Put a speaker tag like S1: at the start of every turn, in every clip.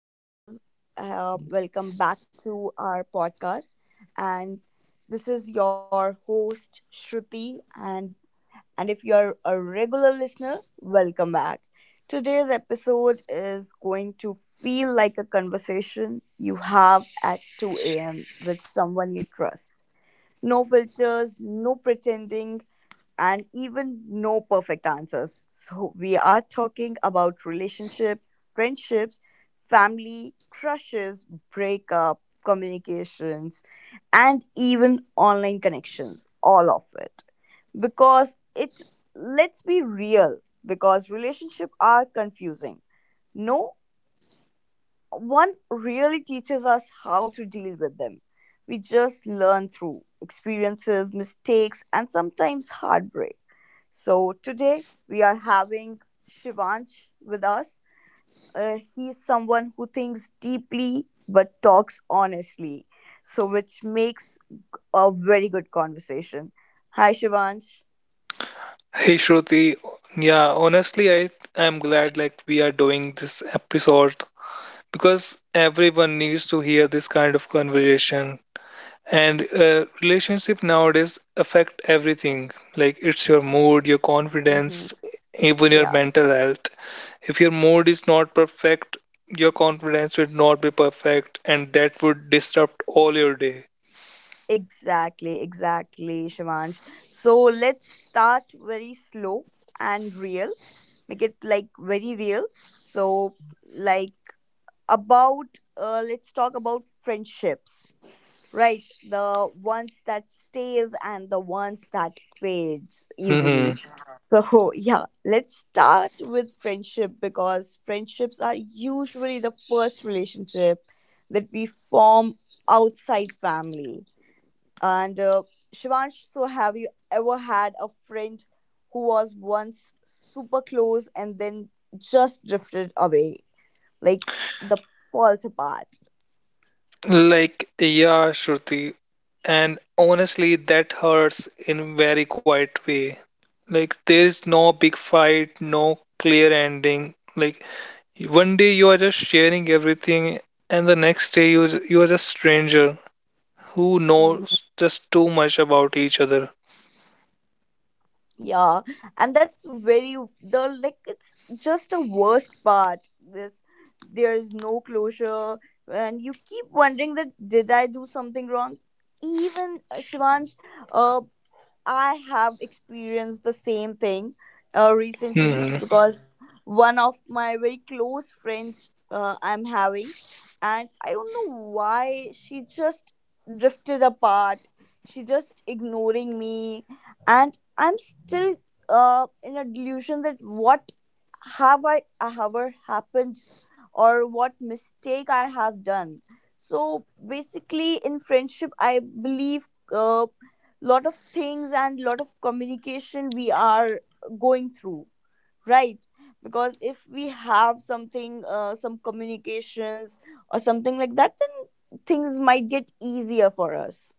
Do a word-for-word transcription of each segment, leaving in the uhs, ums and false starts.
S1: Hey guys, uh, welcome back to our podcast. And this is your host Shruti, and and if you're a regular listener, welcome back. Today's episode is going to feel like a conversation you have at two a m with someone you trust. No filters, no pretending, and even no perfect answers. So, we are talking about relationships, friendships, family, crushes, breakup, communications, and even online connections. All of it. Because it, let's be real, because relationships are confusing. No one really teaches us how to deal with them. We just learn through experiences, mistakes, and sometimes heartbreak. So today we are having Shivansh with us. Uh, he's someone who thinks deeply but talks honestly, so which makes a very good conversation. Hi, Shivansh.
S2: Hey Shruti, yeah, honestly, I I'm glad like we are doing this episode because everyone needs to hear this kind of conversation. And uh, relationship nowadays affect everything. Like it's your mood, your
S1: Mm-hmm.
S2: confidence, even your
S1: Yeah.
S2: mental health. If your mood is not perfect, your confidence will not be perfect, and that would disrupt all your day.
S1: Exactly, exactly, Shivansh. So let's start very slow and real. Make it like very real. So, like about, uh, let's talk about friendships, right? The ones that stays and the ones that fades easily. So yeah, let's start with friendship because friendships are usually the first relationship that we form outside family and uh, Shivansh, so have you ever had a friend who was once super close and then just drifted away, like the falls apart?
S2: Like, yeah, Shruti. And honestly, that hurts in a very quiet way. Like, there is no big fight, no clear ending. Like, one day you are just sharing everything, and the next day you you are just stranger who knows just too much about each other.
S1: Yeah, and that's very the like it's just a worst part. This there is no closure, and you keep wondering that did I do something wrong? Even uh, Shivansh, uh, I have experienced the same thing uh, recently
S2: Hmm.
S1: because one of my very close friends uh, I'm having, and I don't know why she just drifted apart. She just ignoring me, and I'm still uh, in a delusion that what have I ever happened or what mistake I have done. So basically, in friendship, I believe a lot of things and lot of communication we are going through, right? Because if we have something, uh, some communications or something like that, then things might get easier for us.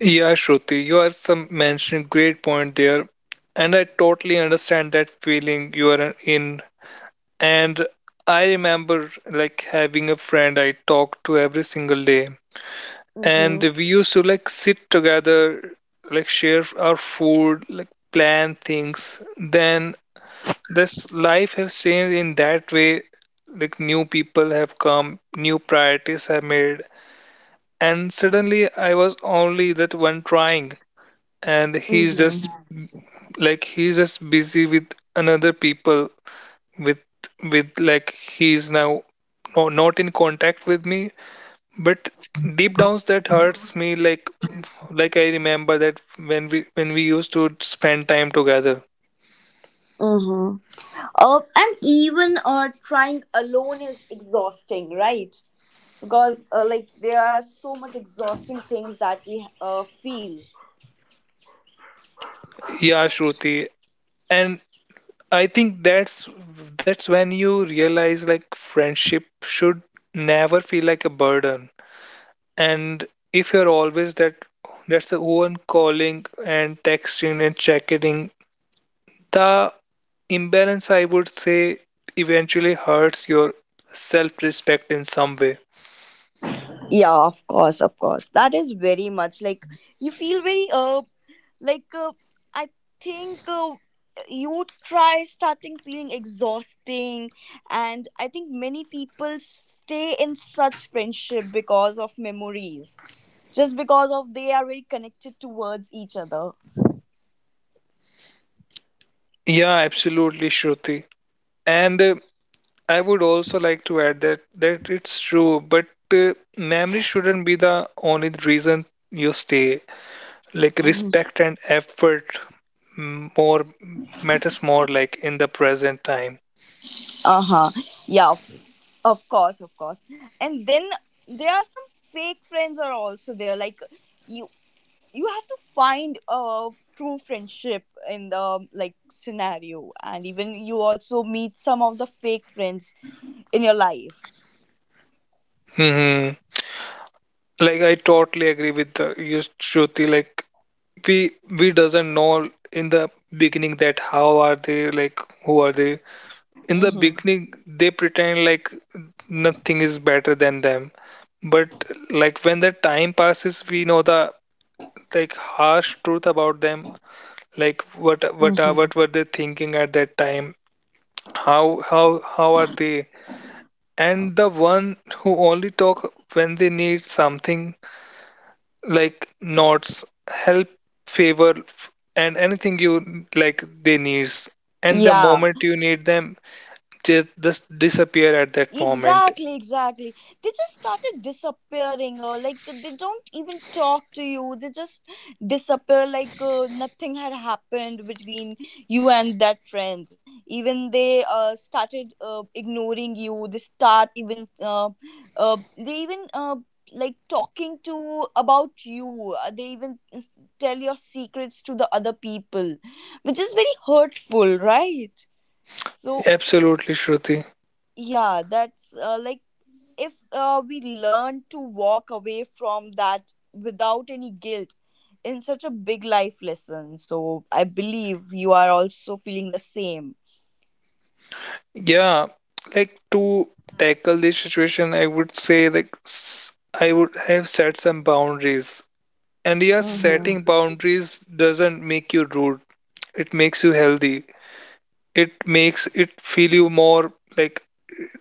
S2: Yeah, Shruti, you are some mentioning great point there, and I totally understand that feeling you are in. And I remember like having a friend I talked to every single day. And we used to like sit together, like share our food, like plan things. Then this life has changed in that way. Like new people have come, new priorities have made. And suddenly I was only that one trying. And he's just
S1: Mm-hmm.
S2: like he's just busy with another people with with like he's now no, not in contact with me, but deep down that hurts me, like like I remember that when we when we used to spend time together.
S1: Mm-hmm. Uh, and even uh, trying alone is exhausting, right? Because uh, like there are so much exhausting things that we uh, feel.
S2: Yeah, Shruti, and I think that's that's when you realize like friendship should never feel like a burden. And if you're always that that's the one calling and texting and checking the Imbalance, I would say, eventually hurts your self respect in some way.
S1: Yeah, of course, of course. That is very much like you feel very uh like uh, I think uh, you try starting feeling exhausting, and I think many people stay in such friendship because of memories, just because of they are very connected towards each other.
S2: Yeah, absolutely, Shruti. And uh, I would also like to add that that it's true, but uh, memory shouldn't be the only reason you stay. Like
S1: Hmm.
S2: respect and effort, mm, more matters more like in the present time.
S1: Uh-huh. Yeah, of of course, of course. And then there are some fake friends are also there. Like you you have to find a true friendship in the like scenario and even you also meet some of the fake friends in your life.
S2: hmm Like I totally agree with the, you, Shruti. Like we we doesn't know in the beginning that how are they, like who are they in the
S1: Mm-hmm.
S2: beginning. They pretend like nothing is better than them, but like when the time passes, we know the like harsh truth about them, like what what are
S1: Mm-hmm.
S2: what were they thinking at that time, how how how are they. And the one who only talk when they need something, like knots, help, favor, f- and anything you like they needs. And the
S1: Yeah.
S2: moment you need them, just just disappear at that moment.
S1: Exactly, exactly. They just started disappearing, or like they don't even talk to you. They just disappear like uh, nothing had happened between you and that friend. Even they uh, started uh, ignoring you. They start even uh, uh, they even uh, like talking to about you. Uh, They even s- tell your secrets to the other people, which is very hurtful, right? So
S2: Absolutely, Shruti.
S1: yeah, that's uh, like if uh, we learn to walk away from that without any guilt in such a big life lesson, so I believe you are also feeling the same.
S2: Yeah, like to tackle this situation, I would say like, s- I would have set some boundaries. And yeah,
S1: Mm-hmm.
S2: setting boundaries doesn't make you rude. It makes you healthy. It makes it feel you more like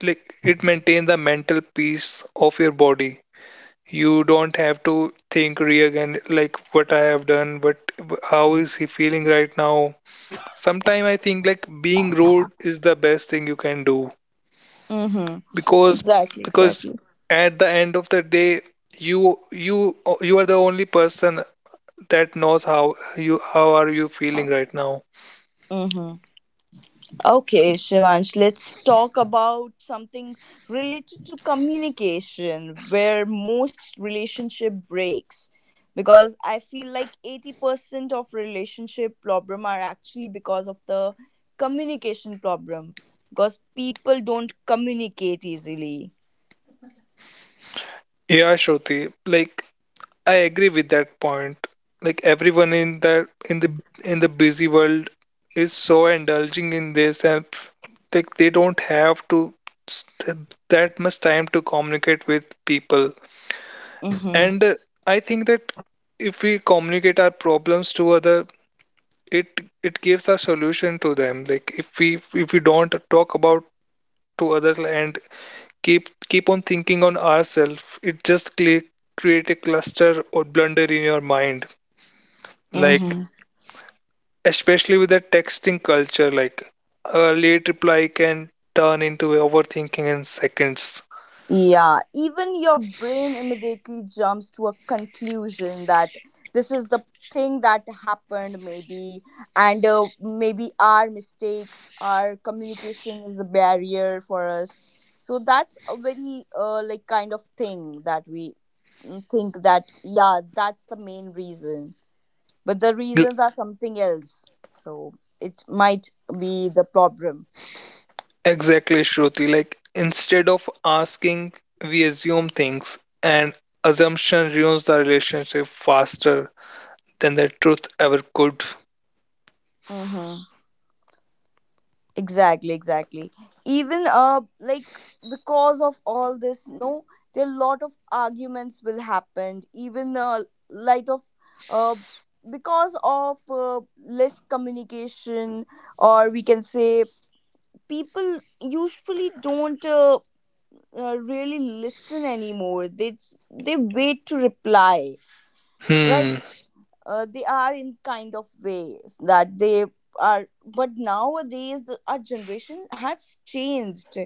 S2: like it maintains the mental peace of your body. You don't have to think re again like what I have done, but how is he feeling right now. Sometime I think like being rude is the best thing you can do,
S1: Mm-hmm.
S2: because
S1: Exactly,
S2: because
S1: exactly.
S2: at the end of the day, you you you are the only person that knows how you how are you feeling right now.
S1: Mm-hmm. Okay, Shivansh, let's talk about something related to communication where most relationship breaks because I feel like eighty percent of relationship problem are actually because of the communication problem because people don't communicate easily.
S2: Yeah, Shruti. Like I agree with that point. Like everyone in that in the in the busy world is so indulging in this, and like they don't have to s- th- that much time to communicate with people.
S1: Mhm.
S2: And uh, I think that if we communicate our problems to other, it it gives a solution to them. Like if we if we don't talk about to others and keep keep on thinking on ourselves, it just cre- create a cluster or blunder in your mind. Like, especially with the texting culture, like a late reply can turn into overthinking in seconds.
S1: Yeah, even your brain immediately jumps to a conclusion that this is the thing that happened, maybe, and uh, maybe our mistakes, our communication is a barrier for us. So that's a very uh, like kind of thing that we mm, think that yeah, that's the main reason, but the
S2: L-
S1: reasons are something else. So it might be the problem.
S2: Exactly, Shruti. Like, instead of asking, we assume things, and assumption ruins the relationship faster than the truth ever could.
S1: Mm-hmm. Exactly, exactly. Even uh like because of all this, no, there a lot of arguments will happen. Even uh, light of uh because of uh, less communication, or we can say people usually don't uh, uh, really listen anymore. They they wait to reply,
S2: Hmm.
S1: right? Uh, they are in kind of ways that they are but nowadays the, our generation has changed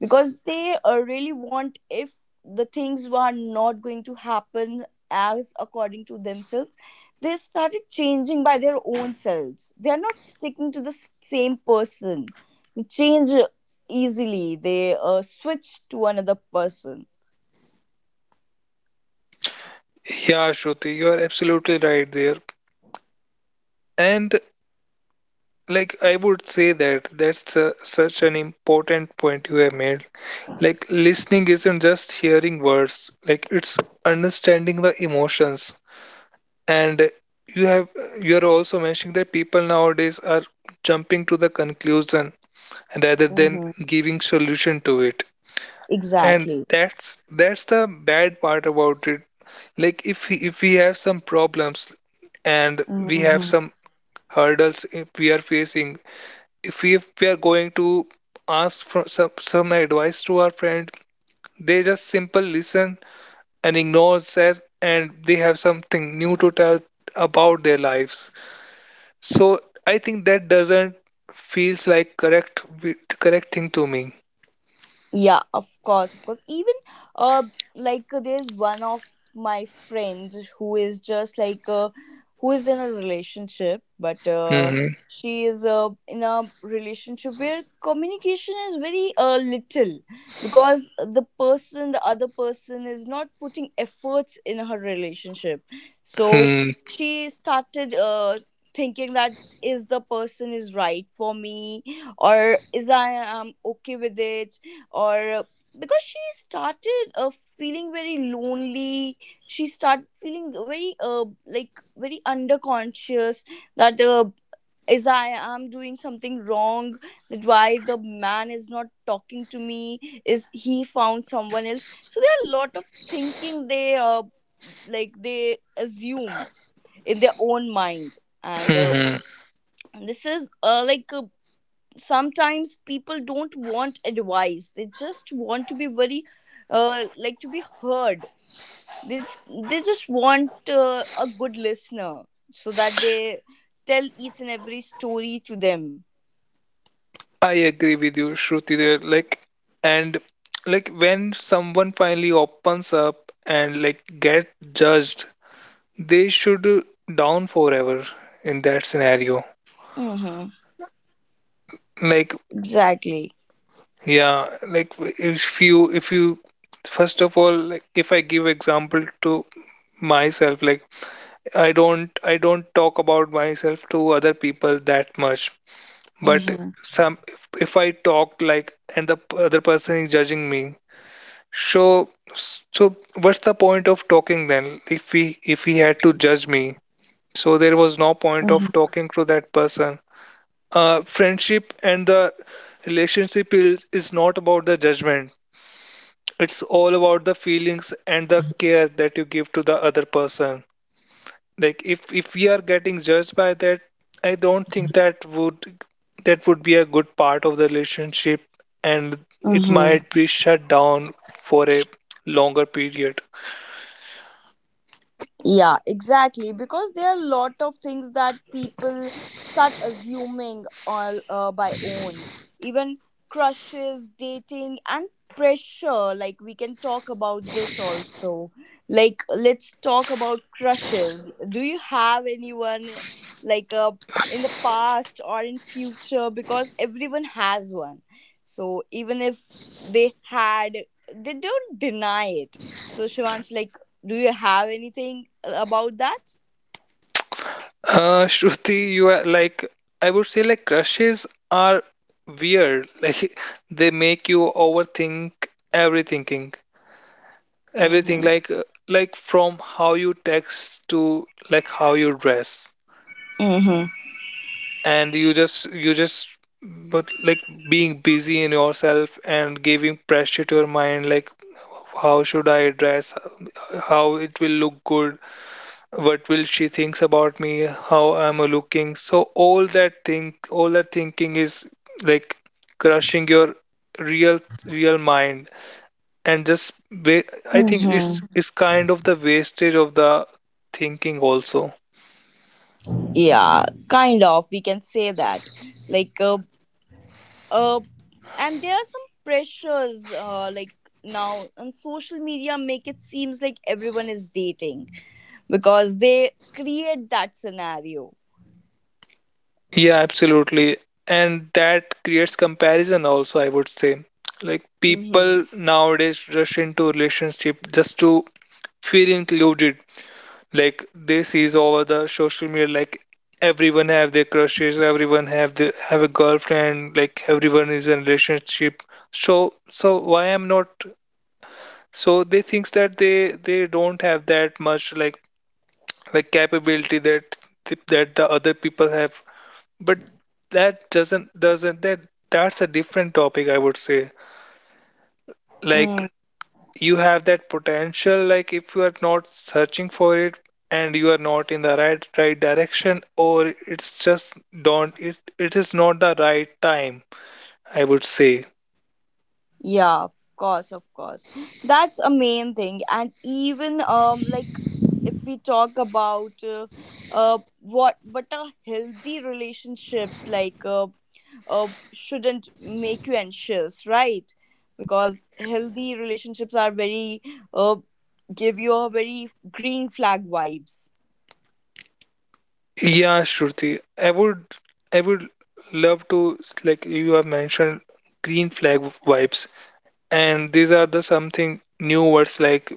S1: because they uh, really want if the things were not going to happen as according to themselves they started changing by their own selves. They are not sticking to the s- same person. They change easily. They uh, switch to another person.
S2: Yeah, Shruti, you are absolutely right there. And like I would say that that's uh, such an important point you have made. Like listening isn't just hearing words, like it's understanding the emotions. And you have you're also mentioning that people nowadays are jumping to the conclusion rather than
S1: Mm-hmm.
S2: giving solution to it. And
S1: Exactly.
S2: that's that's the bad part about it. Like if we- if we have some problems, and we have
S1: Mhm.
S2: some hurdles if we are facing, if we, if we, are going to ask for some, some advice to our friend, they just simple listen and ignores that, and they have something new to tell about their lives. So I think that doesn't feels like correct, wi- correct thing to me.
S1: Yeah, of course, of course. Even uh like uh, there's one of my friends who is just like uh who is in a relationship, but uh
S2: hmm
S1: she is uh, in a relationship where communication is very uh little because the person the other person is not putting efforts in her relationship. So
S2: hmm
S1: she started uh thinking that is the person is right for me or is I am okay with it, or uh, because she started uh, feeling very lonely. She started feeling very uh, like very underconscious that uh, is I am doing something wrong, that why the man is not talking to me, is he found someone else. So there are a lot of thinking they uh, like they assume in their own mind. And uh,
S2: hmm
S1: This is uh, like uh, sometimes people don't want advice. They just want to be very uh, like to be heard. they just, they just want uh, a good listener so that they tell each and every story to them.
S2: I agree with you, Shruti. There, like, and like when someone finally opens up and like get judged, they should down forever in that scenario.
S1: Mm-hmm.
S2: Like
S1: Exactly.
S2: Yeah, like, w- if you if you first of all, like if I give example to myself, like I don't I don't talk about myself to other people that much. But
S1: Mm-hmm.
S2: some if, if I talk, like and the p- other person is judging me, so so what's the point of talking then, if he if he had to judge me, so there was no point of
S1: Mhm.
S2: talking to that person. Uh friendship and the relationship is, is not about the judgment. It's all about the feelings and the care that you give to the other person. Like if if we are getting judged by that, I don't think that would that would be a good part of the relationship, and it
S1: Mhm.
S2: might be shut down for a longer period.
S1: Yeah, exactly. Because there are a lot of things that people start assuming all uh, by own. Even crushes, dating, and pressure. Like, we can talk about this also. Like, let's talk about crushes. Do you have anyone like uh, in the past or in future? Because everyone has one. So, even if they had, they don't deny it. So, Shivansh, like, do you have anything about that?
S2: Uh shruti, you are like, I would say like crushes are weird. Like they make you overthink everything everything
S1: Mm-hmm.
S2: like, uh, like from how you text to like how you dress.
S1: Mm-hmm.
S2: And you just you just but like being busy in yourself and giving pressure to your mind, like how should I dress, how it will look good, what will she thinks about me, how am I looking? So all that thing, all that thinking is like crushing your real real mind, and just wa- I think it's
S1: Mm-hmm.
S2: it's kind of the wastage of the thinking also.
S1: Yeah, kind of. We can say that. Like, uh, uh, and there are some pressures, uh, like now on social media, make it seems like everyone is dating because they create that scenario.
S2: Yeah, absolutely. And that creates comparison also, I would say. Like
S1: Mm-hmm.
S2: people nowadays rush into relationship just to feel included. Like they sees over the social media, like everyone have their crushes, everyone have the have a girlfriend, like everyone is in relationship. So so why I'm not? So they thinks that they they don't have that much like like capability that that the other people have. But that, doesn't doesn't, that that's a different topic, I would say. Like
S1: Mm-hmm.
S2: you have that potential, like if you are not searching for it and you are not in the right right direction, or it's just don't, it it is not the right time, I would say.
S1: Yeah, of course, of course. That's a main thing. And even um like if we talk about uh, uh what what are healthy relationships, like uh, uh shouldn't make you anxious, right? Because healthy relationships are very uh give you a very green flag vibes.
S2: Yeah, Shruti, i would i would love to, like you have mentioned green flag vibes, and these are the something new words like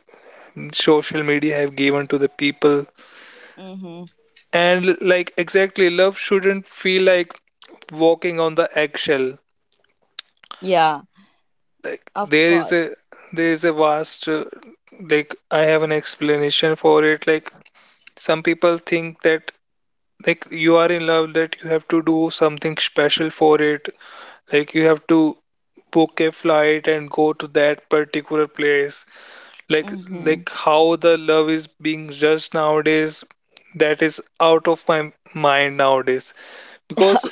S2: social media have given to the people.
S1: Mhm.
S2: And like exactly, love shouldn't feel like walking on the eggshell.
S1: Yeah,
S2: Like
S1: of
S2: there is
S1: course.
S2: a there is a vast, uh, like I have an explanation for it. Like some people think that like you are in love, that you have to do something special for it. Like you have to book a flight and go to that particular place. like
S1: Mhm.
S2: like how the love is being judged nowadays, that is out of my mind nowadays. Because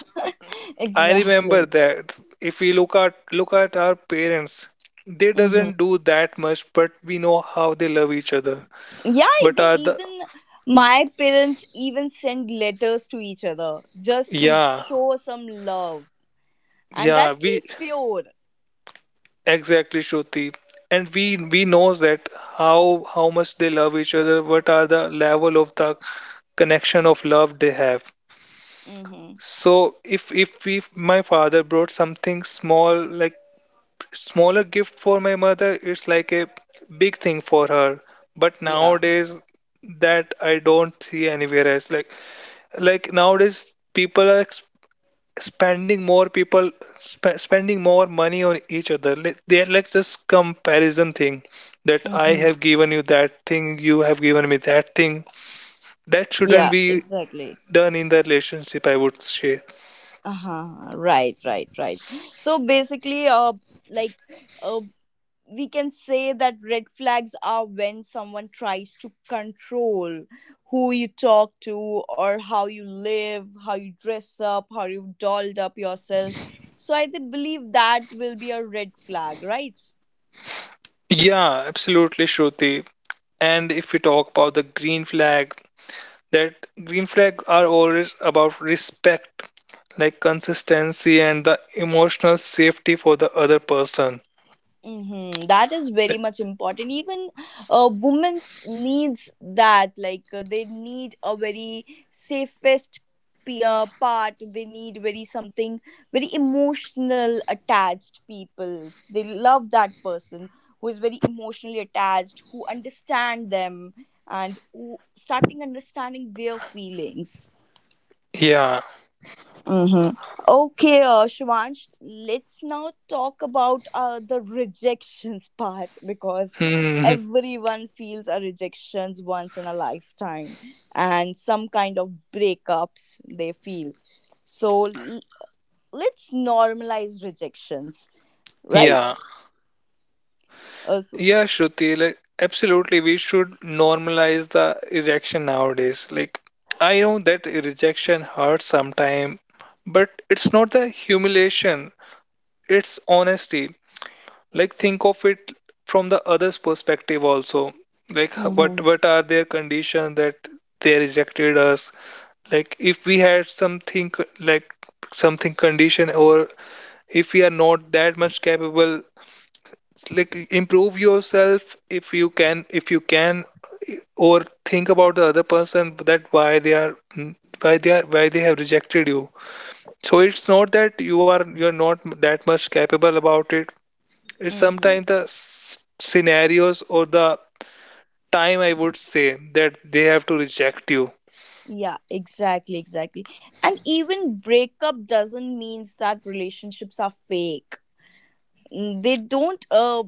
S2: I remember
S1: Exactly.
S2: that if we look at look at our parents, they
S1: Mhm.
S2: doesn't do that much, but we know how they love each other.
S1: Yeah,
S2: What
S1: they
S2: are the
S1: even my parents even send letters to each other just to
S2: Yeah,
S1: show some love, and
S2: yeah.
S1: that's
S2: we
S1: very pure.
S2: Exactly, Shruti. And we we knows that how how much they love each other, what are the level of the connection of love they have.
S1: Mm-hmm.
S2: So if if if my father brought something small, like smaller gift for my mother, it's like a big thing for her. But
S1: Yeah.
S2: nowadays, that I don't see anywhere else. Like like nowadays, people are ex- spending more people sp spending more money on each other. Like, they're like just comparison thing that I
S1: Mm-hmm.
S2: have given you that thing, you have given me that thing. That shouldn't
S1: Yeah,
S2: be
S1: exactly.
S2: done in the relationship, I would say.
S1: Uh-huh. Right, right, right. So basically uh like uh, we can say that red flags are when someone tries to control who you talk to or how you live, how you dress up, how you dolled up yourself. So I th- believe that will be a red flag, right?
S2: Yeah, absolutely, Shruti. And if we talk about the green flag, that green flag are always about respect, like consistency and the emotional safety for the other person.
S1: Mm-hmm. That is very
S2: Like-
S1: much important. Even uh, women's needs that, like uh, they need a very safest p- uh, part. They need very something very emotional attached people. They love that person who is very emotionally attached, who understand them, and who starting understanding their feelings.
S2: Yeah.
S1: Mm-hmm. Okay, uh, Shivansh, let's now talk about uh, the rejections part because
S2: Hmm.
S1: everyone feels a rejections once in a lifetime and some kind of breakups they feel. So l- let's normalize rejections, right?
S2: Yeah.
S1: Uh, so,
S2: Yeah, Shruti, like absolutely, we should normalize the rejection nowadays. Like I know that rejection hurts sometimes, but it's not the humiliation, it's honesty. Like think of it from the other's perspective also, like what
S1: mm-hmm.
S2: what are their conditions that they rejected us. Like if we had something, like something condition, or if we are not that much capable, like improve yourself if you can if you can Or think about the other person, that why they are, mm, why they are why they have rejected you. So it's not that you are you're not that much capable about it. It's
S1: Mm-hmm.
S2: sometimes the, s- scenarios or the time, I would say, that they have to reject you.
S1: Yeah, exactly, exactly. And even breakup doesn't means that relationships are fake. Mm, they don't uh,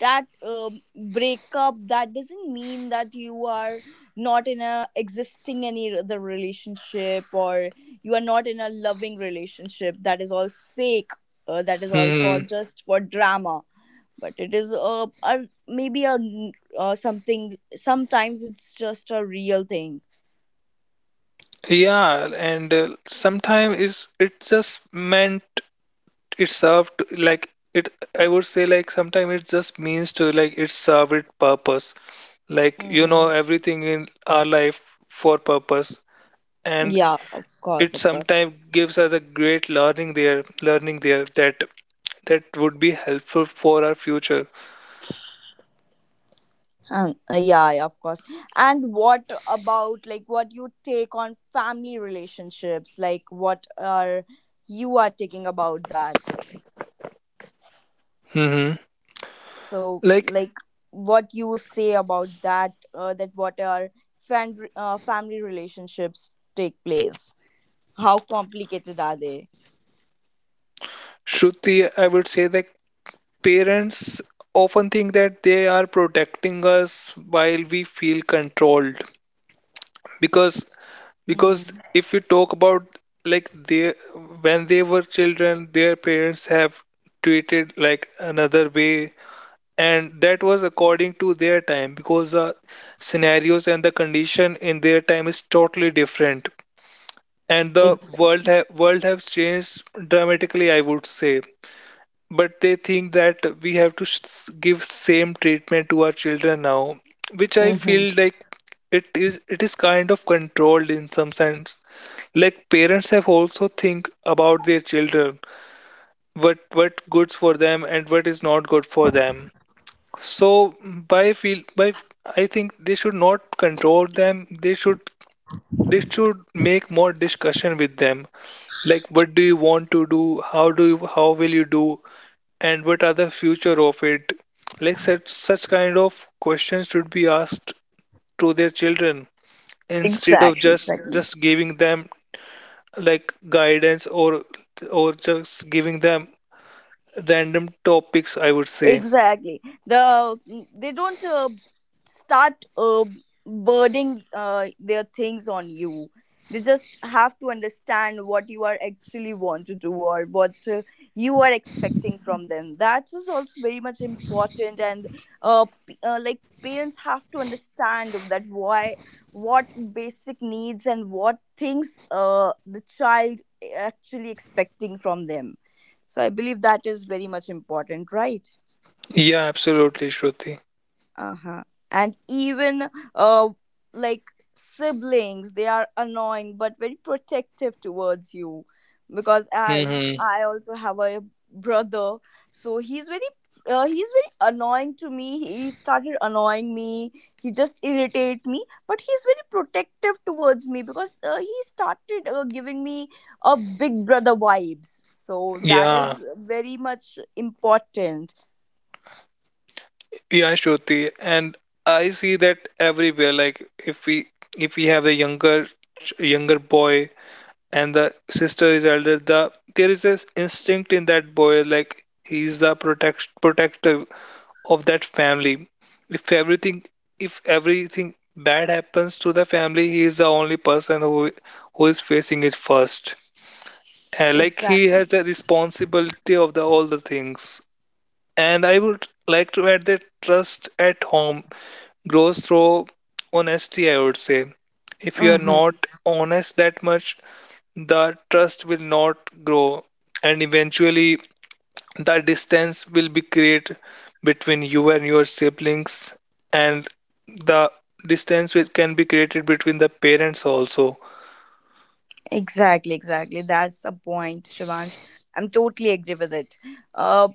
S1: that um, breakup that doesn't mean that you are not in a existing any other relationship, or you are not in a loving relationship that is all fake, uh, that is all for
S2: Hmm.
S1: just for drama, but it is uh, a maybe a n- uh, something. Sometimes it's just a real thing.
S2: Yeah, and uh, sometimes it's it just meant it served, to- like it. I would say like sometimes it just means to, like it served its purpose. Like you know
S1: Hmm.
S2: everything in our life for purpose, and
S1: Yeah, of course,
S2: it
S1: of course.
S2: sometimes gives us a great learning there, learning there that that would be helpful for our future.
S1: Um, uh, yeah, yeah, of course. And what about like what you take on family relationships? Like what are you are taking about that?
S2: hmm
S1: So
S2: Like
S1: like what you say about that? Uh, that what are fan uh, family relationships take place? How complicated are they?
S2: Shruti, I would say that parents often think that they are protecting us while we feel controlled, because because
S1: Mm.
S2: if we talk about like they when they were children, their parents have treated like another way, and that was according to their time, because the scenarios and the condition in their time is totally different. And the world
S1: Exactly.
S2: ha- world has changed dramatically, I would say. But they think that we have to, s give same treatment to our children now, which I
S1: Hmm.
S2: feel like, it is it is kind of controlled in some sense. Like parents have also think about their children, what what good for them and what is not good for them. So, by feel by I think they should not control them. They should they should make more discussion with them. Like what do you want to do? How do you how will you do? And what are the future of it? Like such such kind of questions should be asked to their children, instead of
S1: Exactly.
S2: just
S1: Exactly.
S2: just giving them like guidance, or or just giving them random topics, I would say.
S1: Exactly, the mm, they don't uh, start uh, burdening uh, their things on you. They just have to understand what you are actually want to do, or what uh, you are expecting from them. That is also very much important. And uh, p- uh, like parents have to understand that why what basic needs and what things uh, the child actually expecting from them. So I believe that is very much important, right?
S2: Yeah, absolutely, Shruti.
S1: Uh-huh. And even uh like siblings they are annoying but very protective towards you, because as
S2: hmm
S1: I also have a brother, so he's very uh, he's very annoying to me. He started annoying me. He just irritate me, but he's very protective towards me because uh, he started uh, giving me a big brother vibes. So that
S2: Yeah,
S1: is very much important.
S2: yeah, Shruti, and I see that everywhere. Like if we if we have a younger, ch- younger boy, and the sister is elder, the there is this instinct in that boy, like he's the protect protector of that family. If everything if everything bad happens to the family, he is the only person who who is facing it first, and like he
S1: Exactly.
S2: has the responsibility of the all the things. And I would like to add that trust at home grows through honesty, I would say. If you are not
S1: Mhm.
S2: honest that much, the trust will not grow, and eventually the distance will be created between you and your siblings, and the distance which can be created between the parents also.
S1: Exactly, exactly. That's the point, Shivansh. I'm totally agree with it. Uh,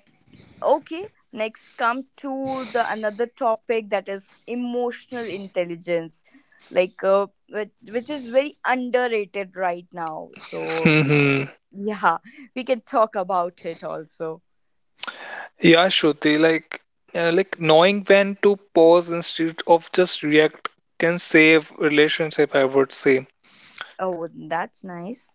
S1: okay, next come to the another topic that is emotional intelligence, like uh, which, which is very underrated right now. So
S2: hmm
S1: yeah, we can talk about it also.
S2: yeah, Shruti, like, uh, like knowing when to pause instead of just react can save relationship, I would say.
S1: Oh, that's nice.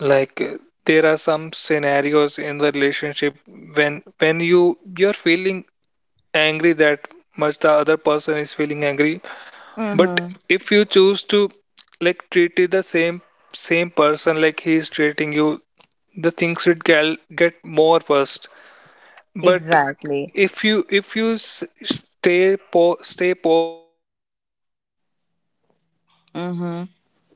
S2: Like, uh, there are some scenarios in the relationship, when when you you're feeling angry that much, the other person is feeling angry. But
S1: Mm-hmm.
S2: if you choose to like treat it the same same person like he is treating you, the things would get, get more worse. But
S1: Exactly.
S2: if you if you s- stay po- stay pause and remain quiet at that time,
S1: Mm-hmm.
S2: I think